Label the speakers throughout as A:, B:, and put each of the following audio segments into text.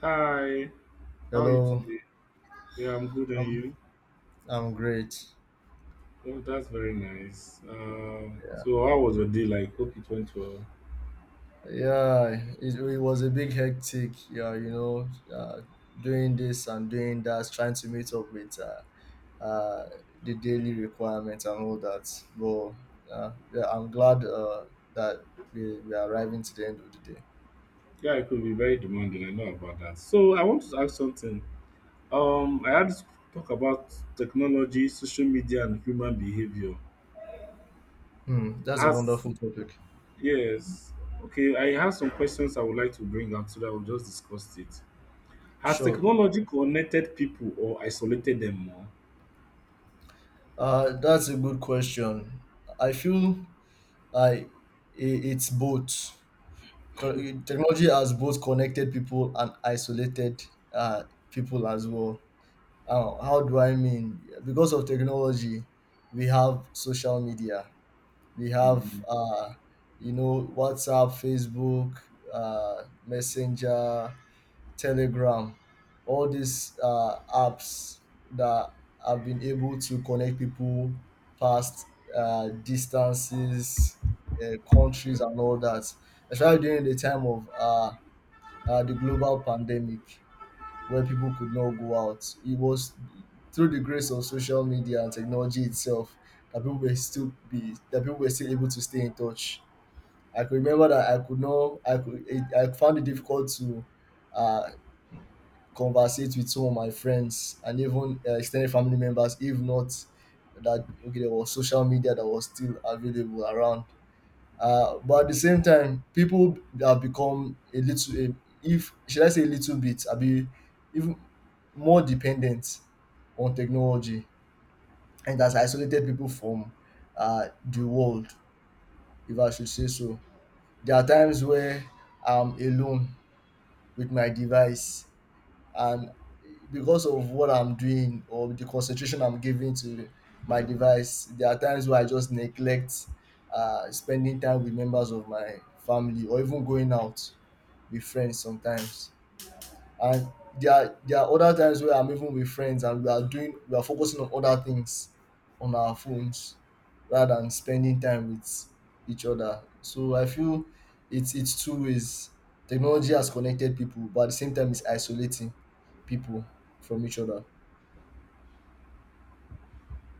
A: Hi, how are you
B: Hello,
A: today? Yeah, I'm good, and
B: I'm
A: you?
B: I'm great.
A: Oh, that's very nice. Um,
B: Yeah,
A: so how was your day like? Hope it went well.
B: yeah, it was a big hectic. Yeah, doing this and doing that, trying to meet up with uh, the daily requirements and all that. But yeah, I'm glad that we are arriving to the end of the day.
A: Yeah, it could be very demanding. I know about that. So I want to ask something. I had to talk about technology, social media, and human behavior.
B: Hmm, that's a
A: As
B: wonderful topic.
A: Yes, okay. I have some questions I would like to bring up so that we'll just discuss it. Has
B: Sure.
A: technology connected people or isolated them more?
B: That's a good question. I feel I i- it's both. Cor- Technology has both connected people and isolated uh, people as well. How do I mean? Because of technology, we have social media, we have,
A: Mm.
B: WhatsApp, Facebook, Messenger, Telegram, all these apps that have been able to connect people past distances, countries, and all that, especially during the time of the global pandemic where people could not go out. It was through the grace of social media and technology itself that people were still able to stay in touch. I could remember that I could not I could it, I found it difficult to uh, conversate with some of my friends and even extended family members, if not that okay, there was social media that was still available around. But at the same time, people have become if should I say, a little bit, I be even more dependent on technology, and has isolated people from the world, if I should say so. There are times where I'm alone with my device, and because of what I'm doing or the concentration I'm giving to my device, there are times where I just neglect spending time with members of my family or even going out with friends sometimes. And there are other times where I'm even with friends and we are focusing on other things on our phones rather than spending time with each other. So I feel it's two ways. Technology has connected people, but at the same time it's isolating people from each other.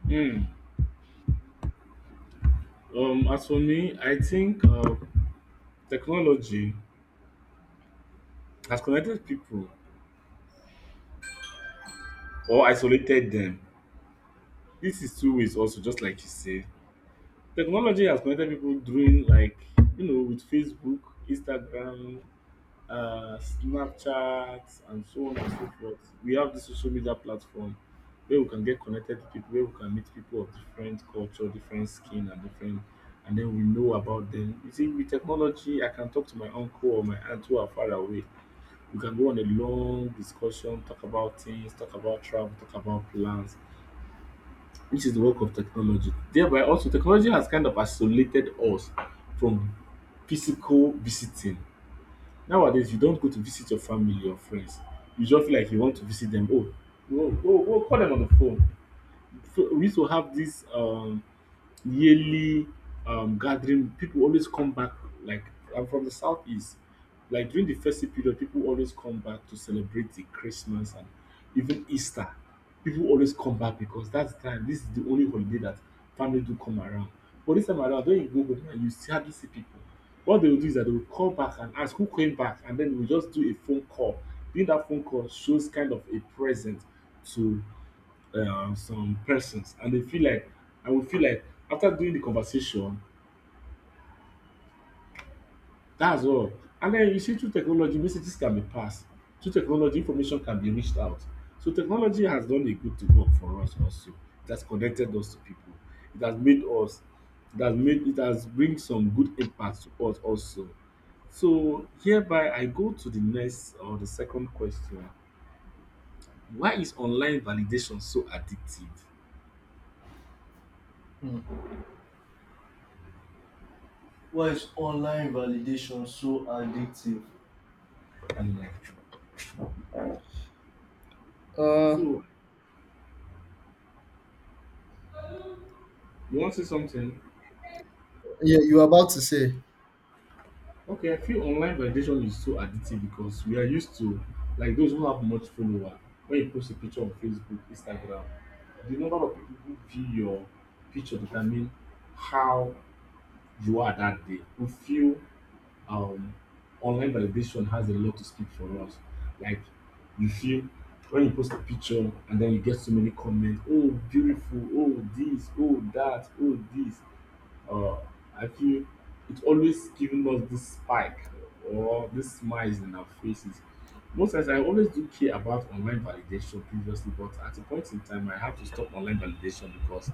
A: Mm. As for me, I think technology has connected people or isolated them. This is two ways also, just like you said. Technology has connected people during like with Facebook, Instagram, Snapchat, and so on and so forth. We have this social media platform where we can get connected to people, where we can meet people of different culture, different skin, and different, and then we know about them. You see, with technology, I can talk to my uncle or my aunt who are far away. We can go on a long discussion, talk about things, talk about travel, talk about plans, which is the work of technology. Thereby, also, technology has kind of isolated us from physical visiting. Nowadays, you don't go to visit your family or friends. You just feel like you want to visit them. Oh, oh, call them on the phone. So we used to have this yearly gathering, people always come back. Like I'm from the southeast, like during the festive period, people always come back to celebrate the Christmas and even Easter. People always come back because that's the time. This is the only holiday that family do come around. But this time around, when you go home and you see hardly see people, what they will do is that they will call back and ask who came back, and then we just do a phone call. Doing that phone call shows kind of a present to some persons and they feel like I will feel like after doing the conversation, that's all. And then you see through technology, messages can be passed. Through technology, information can be reached out. So technology has done a good to work for us also. It has connected us to people. It has made us it has made It has bring some good impact to us also. So hereby I go to the next or the second question. Why is online validation so addictive?
B: Why is online validation so addictive?
A: And like,
B: Uh
A: so, you want to say something?
B: yeah, you were about to say.
A: Okay, I feel online validation is so addictive because we are used to like those who have much follower. When you post a picture on Facebook, Instagram, the number of people who view your picture determine how you are that day. We feel um, online validation has a lot to speak for us. Like you feel when you post a picture and then you get so many comments, oh beautiful, oh this, oh that, oh this. Uh, I feel it's always giving us this spike or this smiles in our faces. Most times, I always do care about online validation previously, but at a point in time, I have to stop online validation because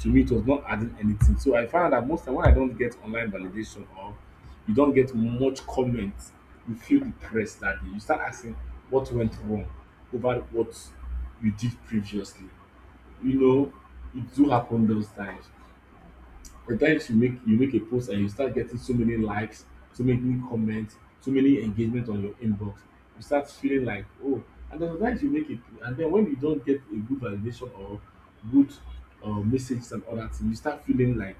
A: to me it was not adding anything. So I found that most time when I don't get online validation or you don't get much comments, you feel depressed that day. You start asking what went wrong over what you did previously. You know, it do happen those times the times you make a post and you start getting so many likes, so many comments, so many engagement on your inbox, you start feeling like oh, and then sometimes you make it, and then when you don't get a good validation or good messages and all that, thing, you start feeling like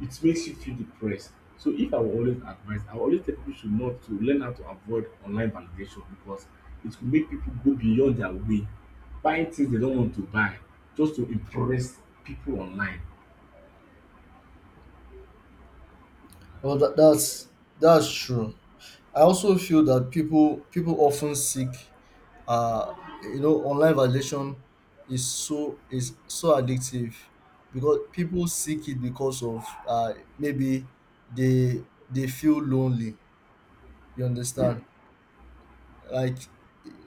A: it makes you feel depressed. So if I will always advise, I will always tell people should not to learn how to avoid online validation because it will make people go beyond their way, buying things they don't want to buy just to impress people online.
B: Well, that's true. I also feel that people often seek, uh, online validation is so addictive because people seek it because of maybe they feel lonely. You understand? Like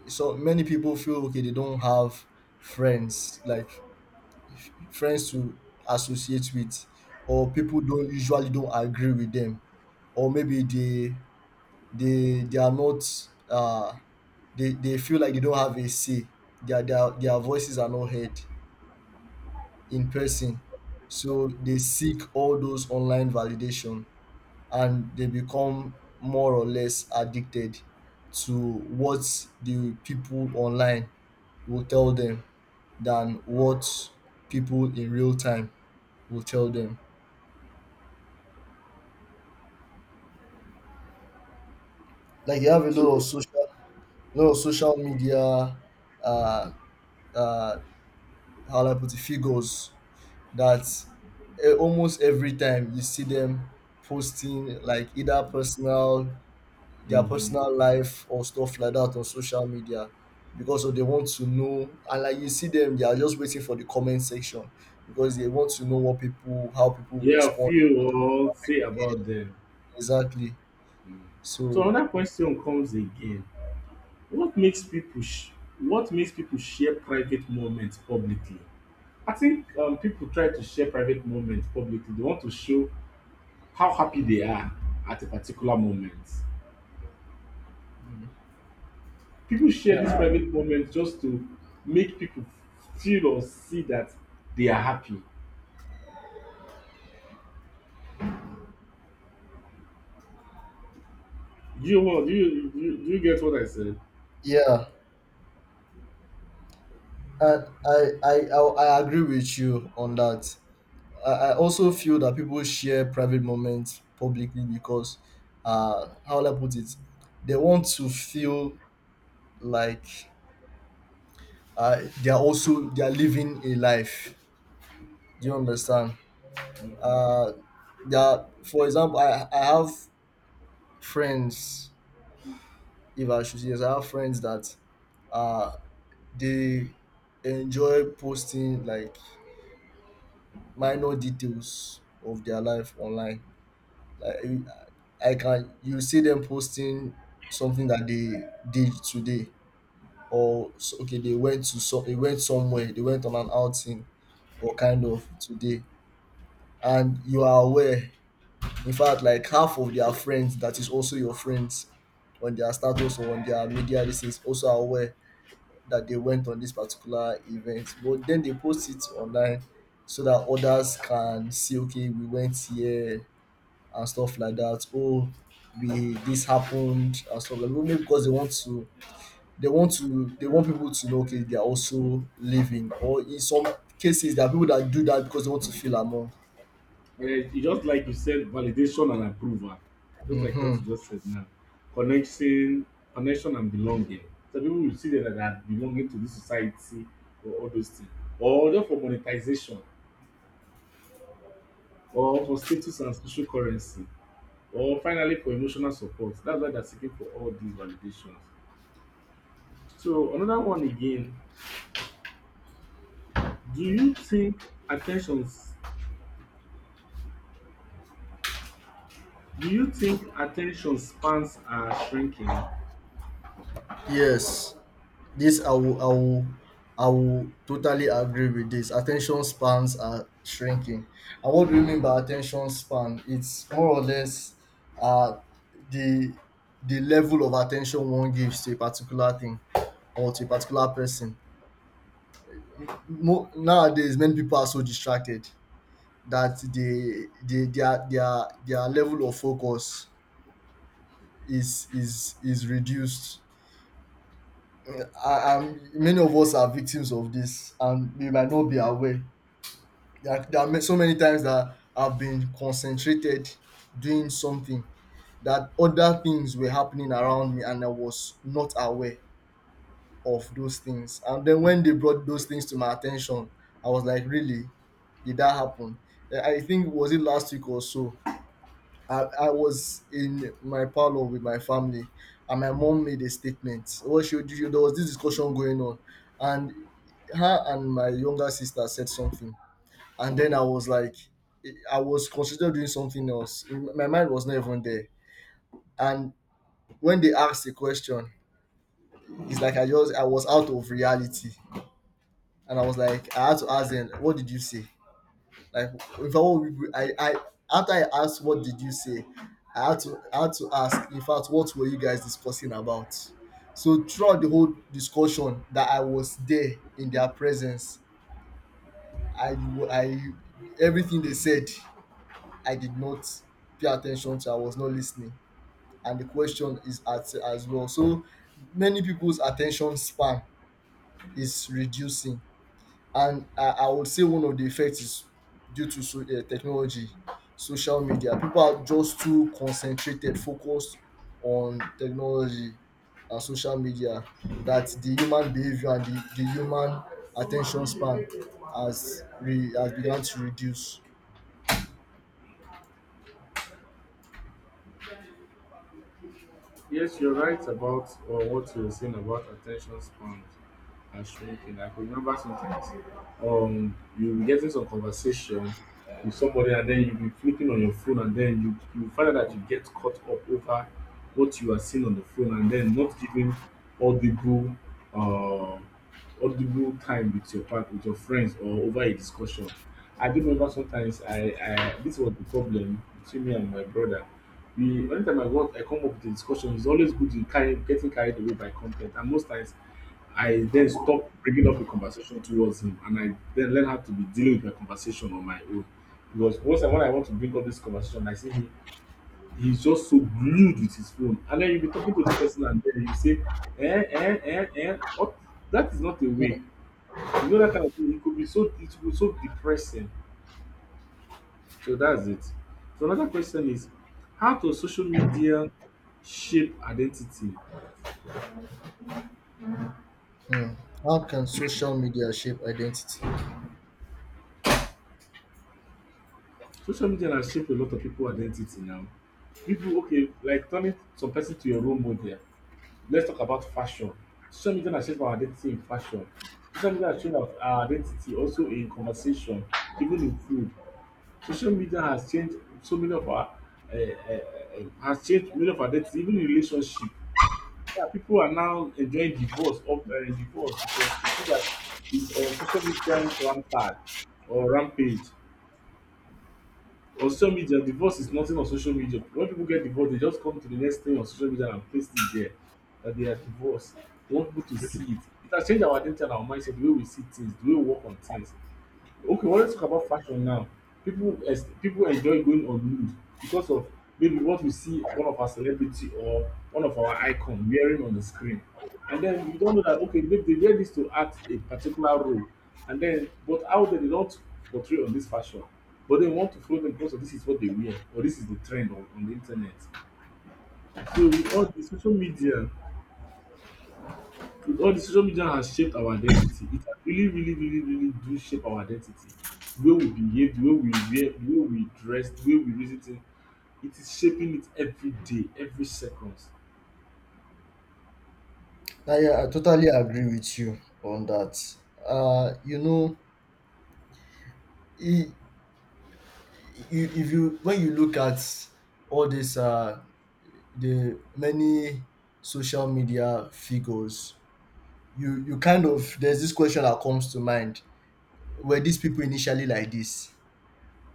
B: so many people feel okay they don't have friends, like friends to associate with, or people don't usually don't agree with them, or maybe they are not uh they feel like they don't have a say. Their voices are not heard in person. So they seek all those online validation and they become more or less addicted to what the people online will tell them than what people in real time will tell them. Like you have a
A: So.
B: lot of social, lot of social media uh, uh, how do I put it, figures that almost every time you see them posting like either personal their
A: Mhm.
B: personal life or stuff like that on social media, because of they want to know. And like you see them, they are just waiting for the comment section because they want to know what people how people will
A: Yeah,
B: respond,
A: few
B: how
A: or say
B: they engage.
A: about them.
B: Exactly.
A: So
B: So,
A: another question comes again. What makes people sh- what makes people share private moments publicly? I think people try to share private moments publicly. They want to show how happy they are at a particular moment. People share
B: yeah,
A: these private moments just to make people feel or see that they are happy. Do you get what I said?
B: yeah, and I agree with you on that. I also feel that people share private moments publicly because, how will I put it? They want to feel like they are living a life. Do you understand? Uh, they are, for example, I have friends. If I should say, yes, I have friends that uh, they enjoy posting like minor details of their life online. Like you- I can You see them posting something that they did today, or okay, they went to they went somewhere, they went on an outing, or kind of today, and you are aware. In fact, like half of their friends that is also your friends on their status or on their media this is also aware that they went on this particular event, but then they post it online so that others can see. Okay, we went here and stuff like that. Oh, we this happened and stuff like that. Maybe because they want people to know okay they are also living. Or in some cases there are people that do that because they want to feel among.
A: Yes, it's just like you said, validation and approval. Just like what you just said now. Connection, connection and belonging. So people will see that they are belonging to this society or all those things. Or just for monetization, or for status and social currency, or finally for emotional support. That's why they're seeking for all these validations. So another one again, do you think attentions do you think attention spans are shrinking?
B: Yes. This I will totally agree with this. Attention spans are shrinking. And what do you mean by attention span? It's more or less uh the the level of attention one gives to a particular thing or to a particular person. Mo- nowadays many people are so distracted that they their level of focus is reduced. Many of us are victims of this, and we might not be aware. So many times that I've been concentrated doing something that other things were happening around me, and I was not aware of those things. And then when they brought those things to my attention, I was like, really? Did that happen? I think was it last week or so. I was in my parlor with my family and my mom made a statement. Well, there was this discussion going on and her and my younger sister said something. And then I was like, I was considering doing something else. My mind was not even there. And when they asked the question, it's like I was out of reality. And I was like, I had to ask them, what did you say? Like, if I, were- I after I asked, what did you say? I had to ask. In fact, what were you guys discussing about? So throughout the whole discussion, that I was there in their presence, I, I, everything they said, I did not pay attention to. I was not listening, and the question is at as well. So many people's attention span is reducing. And I would say one of the effects is due to so, technology, social media. People are just too concentrated, focused on technology and social media that the human behavior and the human attention span has begun to reduce.
A: Yes, you're right about or what you're saying about attention spans are shrinking. I could remember sometimes you'll be getting some conversation with somebody and then you'll be flipping on your phone and then you find out that you get caught up over what you are seeing on the phone and then not giving audible uh audible time with your part with your friends or over a discussion. I do remember sometimes I this was the problem between me and my brother the anytime I want I come up with a discussion, it's always good in carry getting carried away by content and most times I then stop bringing up a conversation towards him and I then learn how to be dealing with my conversation on my own. Because once I when I want to bring up this conversation, I see him he's just so glued with his phone. And then you'll be talking to this person and then you say, what that is not a way. You know that kind of thing. It could be so depressing. So that's it. So another question is, how does social media shape identity?
B: How can social media shape identity?
A: Social media has shaped a lot of people identity now. People okay, like turning some person to your role model. Let's talk about fashion. Social media has shaped our identity in fashion. Social media has changed our identity also in conversation, even in food. Social media has changed so many of our has changed many of our identity, even in relationship. Yeah, people are now enjoying divorce because they see that it's on social media rampart or rampage. On social media, divorce is nothing on social media. When people get divorced, they just come to the next thing on social media and paste it there that they are divorced. We want people to see it. It has changed our identity and our mindset, the way we see things, the way we work on things. Okay, well, let's talk about fashion now. People enjoy going on nude because of maybe what we see one of our celebrity or one of our icon wearing on the screen. And then we don't know that okay, maybe they wear this to act a particular role. And then but out there they don't portray on this fashion. But they want to follow them because of this is what they wear or this is the trend on the internet. So with all the social media All the social media has shaped our identity. It has really, really, really, really do shape our identity. The way we behave, the way we wear, the way we dress, the way we reason things, it is shaping it every day, every second.
B: Ah, yeah, I totally agree with you on that. You know, I- I- if you When you look at all these the many social media figures, you kind of there's this question that comes to mind: were these people initially like this,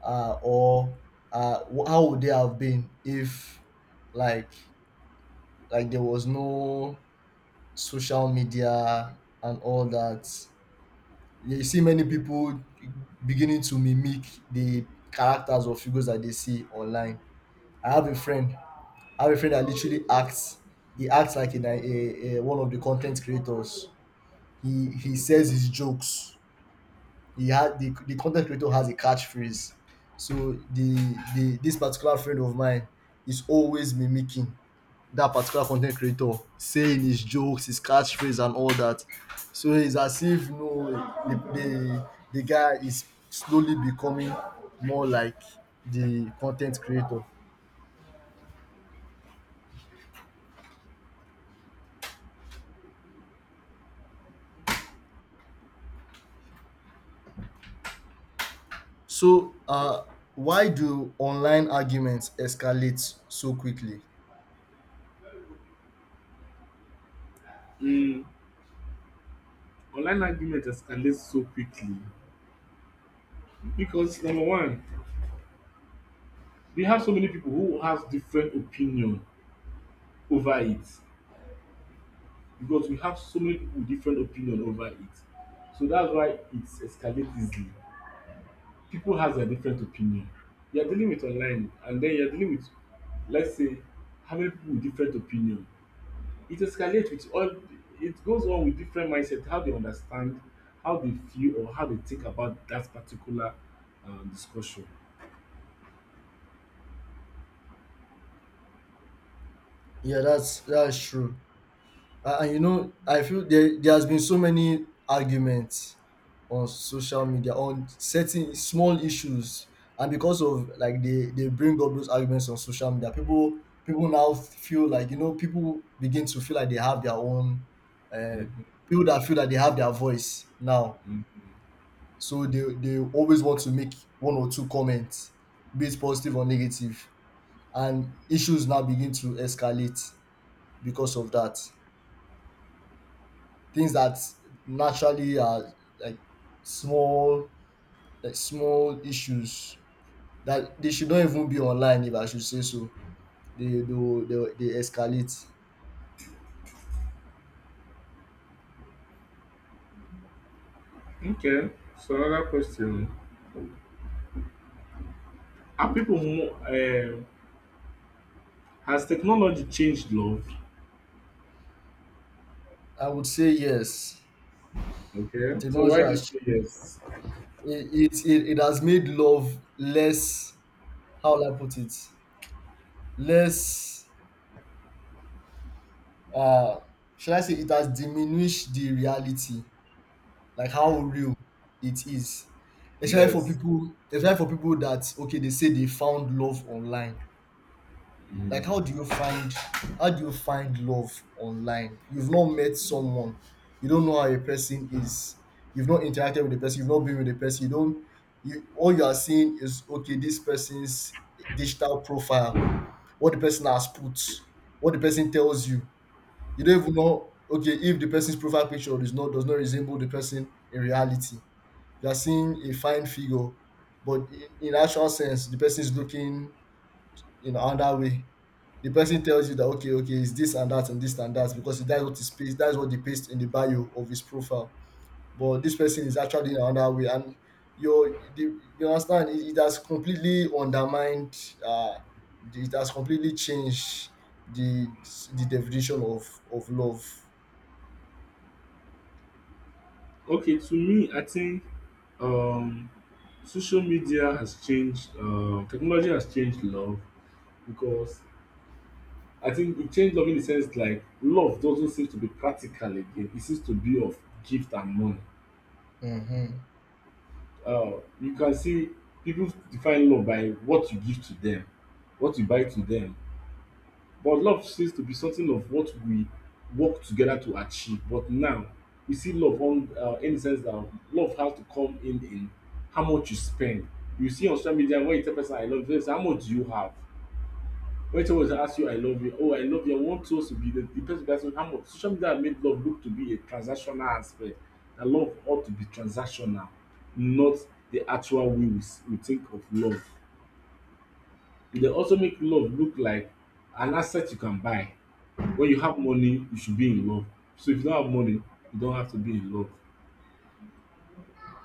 B: or how would they have been if, like, there was no social media and all that? You see many people beginning to mimic the characters or figures that they see online. I have a friend. I have a friend that literally acts. He acts like a, ni- a one of the content creators. He says his jokes. He had the content creator has a catchphrase. So the this particular friend of mine is always mimicking that particular content creator, saying his jokes, his catchphrase, and all that. So it's as if you know the guy is slowly becoming more like the content creator. So, why do online arguments escalate so quickly?
A: Mm, Online argument escalates so quickly because number one, we have so many people who has different opinion over it because we have so many people with different opinion over it. So that's why it escalates easily. People has a different opinion. You're dealing with online and then you're dealing with let's say how many people with different opinion. It escalates with all it goes on with different mindset, how they understand, how they feel or how they think about that particular discussion.
B: Yeah, that's true. And I feel there has been so many arguments on social media on certain small issues, and because of like they bring up those arguments on social media, people now feel like, people begin to feel like they have their own, uh,
A: Mhm,
B: people that feel that they have their voice now.
A: mhm.
B: So they always want to make one or two comments, be it positive or negative, and issues now begin to escalate because of that. Things that naturally are like small small issues that they should not even be online, if I should say so. They escalate.
A: Okay, so another question. Are people more, um has technology changed love?
B: I would say yes.
A: Okay, so
B: Technology
A: why do you
B: has
A: say
B: changed.
A: yes?
B: It has made love less. How will I put it? Less, uh, should I say it has diminished the reality, like how real it is. Especially for
A: Yes.
B: people, that okay, they say they found love online. Like, how do you find love online? You've not met someone, you don't know how a person is, you've not interacted with the person, you've not been with the person, you don't you all you are seeing is okay, this person's digital profile, what the person has put, what the person tells you. You don't even know okay if the person's profile picture is not does not resemble the person in reality. You are seeing a fine figure, but in actual sense, the person is looking in another way. The person tells you that okay, it's this and that and this and that because that's what is paste, that's what they paste in the bio of his profile. But this person is actually in another way, and you understand it has completely undermined, uh, it has completely changed the definition of love.
A: Okay, to me, I think um Social media has changed technology has changed love because I think it changed love in the sense like love doesn't seem to be practical again. It seems to be of gift and money.
B: Mm-hmm.
A: You can see people define love by what you give to them, what you buy to them. But love seems to be something of what we work together to achieve. But now we see love on in the sense that love has to come in how much you spend. You see on social media, when you tell person I love you, they say how much do you have? When someone asks you I love you, oh I love you, I want us to be the person asking how much. Social media has made love look to be a transactional aspect. That love ought to be transactional, not the actual way we think of love. E dey also make love look like an asset you can buy. When you have money, you should be in love. So if you don't have money, you don't have to be in love.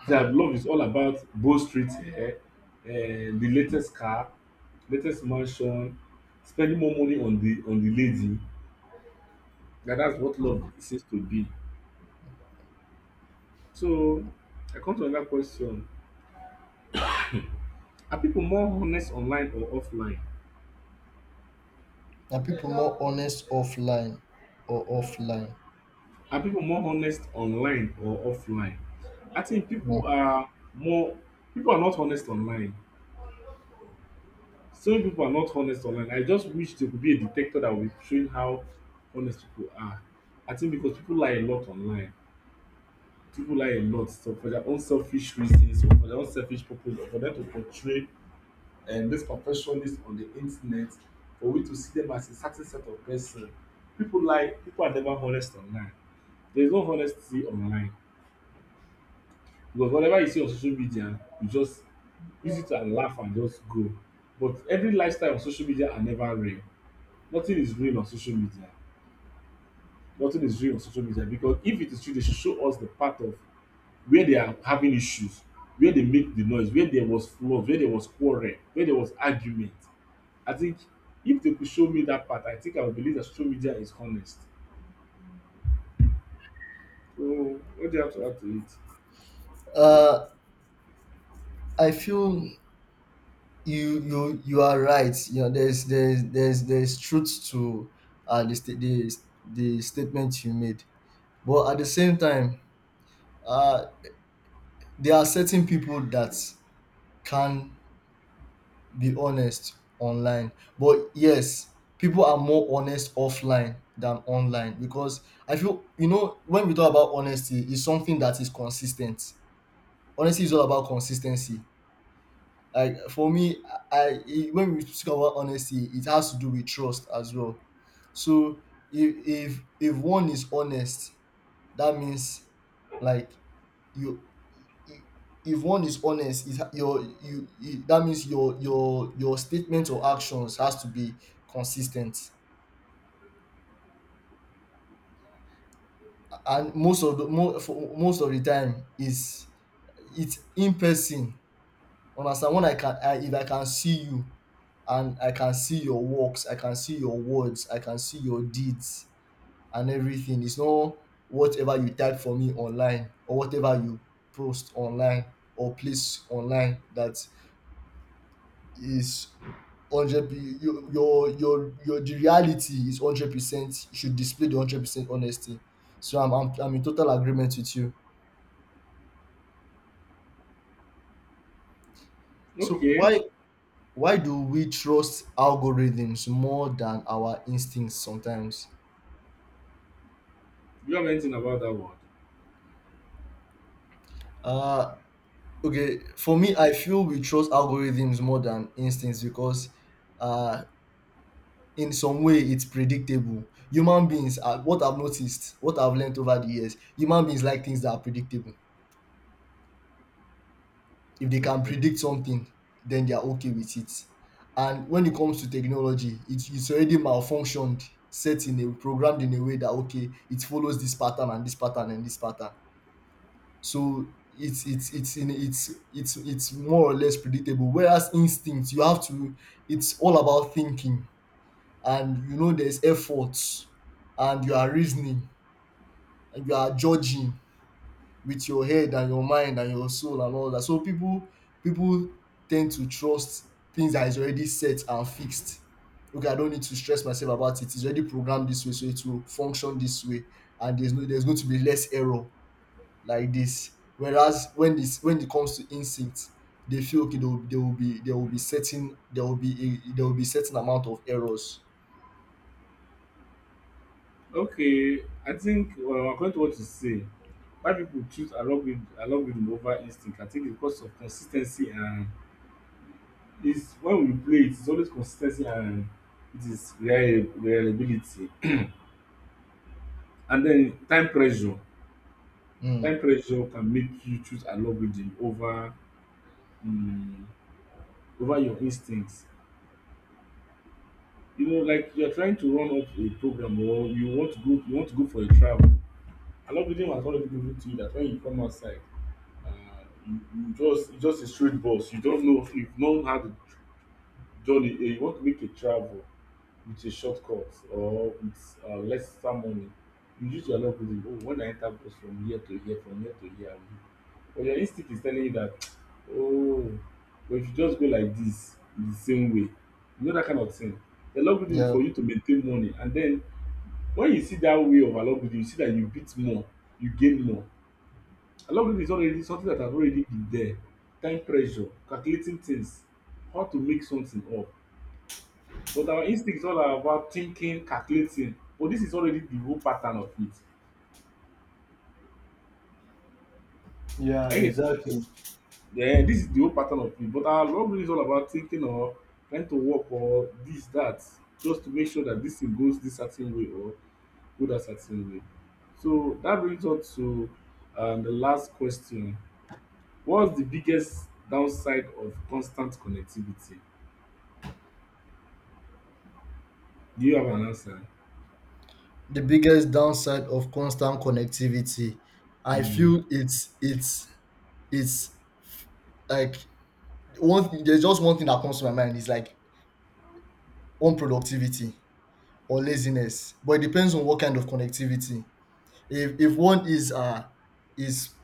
A: That love is all about Bow Street hair, the latest car, latest mansion, spending more money on the lady. That's what love seems to be. So I come to another question. Are people more honest online or offline?
B: And people more honest offline or offline.
A: Are people more honest online or offline? I think
B: Yeah.
A: people are not honest online. So many people are not honest online. I just wish there could be a detector that will train how honest people are. I think because people lie a lot online. People lie a lot, so for their own selfish reasons, or for their own selfish purpose, or for them to portray those perfectionists on the internet for we to see them as a certain set of person. People are never honest online. There is no honesty online, because whatever you see on social media you just use it and laugh and just go. But every lifestyle on social media are never real. Nothing is real on social media. Nothing is real on social media, because if it is true they should show us the part of where they are having issues, where they make the noise, where there was flaws, where there was quarrel, where there was argument. I think if they could show me that part, I think I would believe that social media is honest. So what do you have to add to it?
B: Uh, I feel you are right. You know, there's truth to uh the sta- the, the statement you made, but at the same time, uh, there are certain people that can be honest online. But yes, people are more honest offline than online because I feel you know when we talk about honesty, it's something that is consistent. Honesty is all about consistency. Like for me, I when we speak about honesty, it has to do with trust as well. So if one is honest, that means like you i- if one is honest, it ha- your you, you that means your statement or actions has to be consistent. And most of the most of the time is it's in person. Understand when if I can see you and I can see your works, I can see your words, I can see your deeds and everything. It's not whatever you type for me online or whatever you post online or place online that is 100, your the reality is 100%. You should display the 100% honesty. So I'm in total agreement with you. So
A: Okay.
B: why do we trust algorithms more than our instincts sometimes?
A: Do you have anything about that one?
B: uh Okay, for me, I feel we trust algorithms more than instincts because, uh, in some way, it's predictable. Human beings, are, what I've noticed, what I've learned over the years, human beings like things that are predictable. If they can
A: Okay.
B: predict something, then they are okay with it. And when it comes to technology, it's already malfunctioned, set in a programmed in a way that okay, it follows this pattern and this pattern and this pattern. So it's in it's it's more or less predictable. Whereas instinct, you have to it's all about thinking and you know there's effort and you are reasoning and you are judging with your head and your mind and your soul and all that. So people tend to trust things that is already set and fixed. Okay, I don't need to stress myself about it. It's already programmed this way, so it will function this way, and there's no there's going to be less error like this. Whereas when it comes to instinct, they feel okay. There will be certain there will be certain amount of errors.
A: Okay, I think, well, according to what you say, why people choose algorithm over instinct, I think it's because of consis ten cy, and it's when we play it, it's always consis ten cy, and it is reliability. And then time pressure.
B: Mm,
A: Time pressure can make you choose algorithm over um over your instinct. You know, like you're trying to run up a program, or you want to go for a travel. And algorithm has already given it to you that when you come outside, uh, you just it's just a straight bus. You don't know if you've not had a journey. Eh, you want to make a travel with a shortcut or with less money. You use your algorithm. Oh, when I enter bus from here to here, from here to here, I will, but your instinct is telling you that, oh, but if you just go like this the same way, you know, that kind of thing. The algorithm is
B: yeah.
A: for you to maintain money, and then when you see that way of algorithm you see that you beat more, you gain more. Algorithm is already something that has already been there, time pressure, calculating things, how to make something up. But our instinct is all about thinking, calculating, but this is already the whole pattern of it.
B: Yeah,
A: Are you getting?
B: exactly.
A: Then this is the whole pattern of it. But our love really is all about thinking, or trying to work or this, that, just to make sure that this thing goes this certain way or go that certain way. So that brings us to the last question. What's the biggest downside of constant connectivity? Do you have an answer?
B: The biggest downside of constant connectivity, I
A: Mm.
B: feel it's like There's just one thing that comes to my mind is like unproductivity or laziness, but it depends on what kind of connectivity. If one is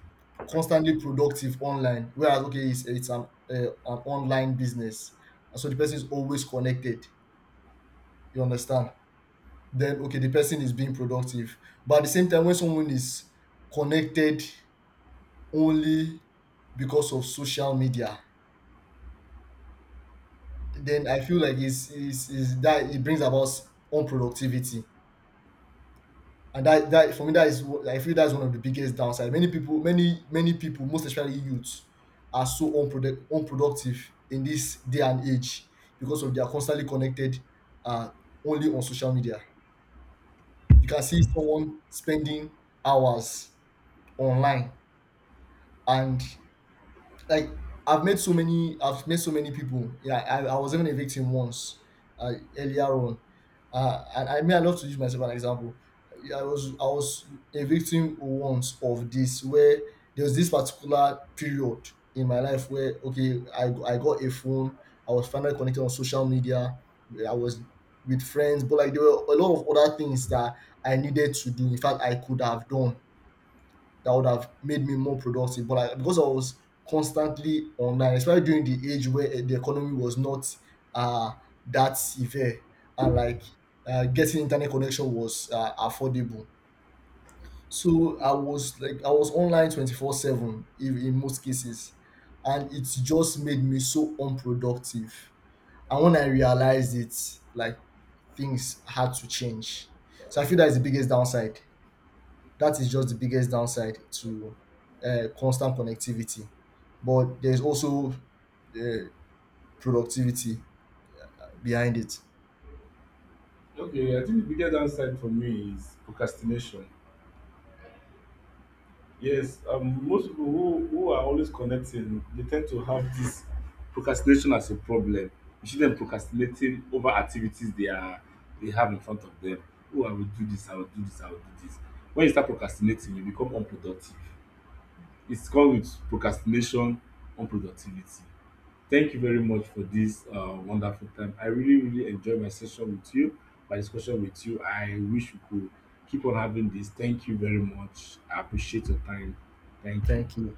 B: constantly productive online whereas okay it's an online business and so the person is always connected, you understand, then okay the person is being productive. But at the same time when someone is connected only because of social media, then I feel like it's that it brings about unproductivity. And that for me that is like, I feel that's one of the biggest downside. Many people, many people, most especially youths, are so unproductive in this day and age because of they are constantly connected, uh, only on social media. You can see someone spending hours online and like I've met so many people. Yeah, I was even a victim once, earlier on. And I mean I love to use myself as an example. Yeah, I was a victim once of this where there was this particular period in my life where okay I got a phone. I was finally connected on social media. I was with friends but like there were a lot of other things that I needed to do, in fact I could have done, that would have made me more productive. But like, because I was constantly online, especially during the age where the economy was not uh, that severe and like getting internet connection was affordable. So I was online 24/7 in most cases. And it just made me so unproductive. And when I realized it, like things had to change. So I feel that is the biggest downside, that is just the biggest downside to constant connectivity. But there's also uh, productivity behind it.
A: Okay, I think the biggest downside for me is procrastination. Yes, most people who are always connecting, they tend to have this procrastination as a problem. You see them procrastinating over activities they have in front of them. Oh, I will do this, I will do this, I will do this. When you start procrastinating, you become unproductive. It's called, with procrastination, unproductivity. Thank you very much for this wonderful time. I really, really enjoyed my session with you, my discussion with you. I wish we could keep on having this. Thank you very much. I appreciate your time. Thank you.
B: Thank you.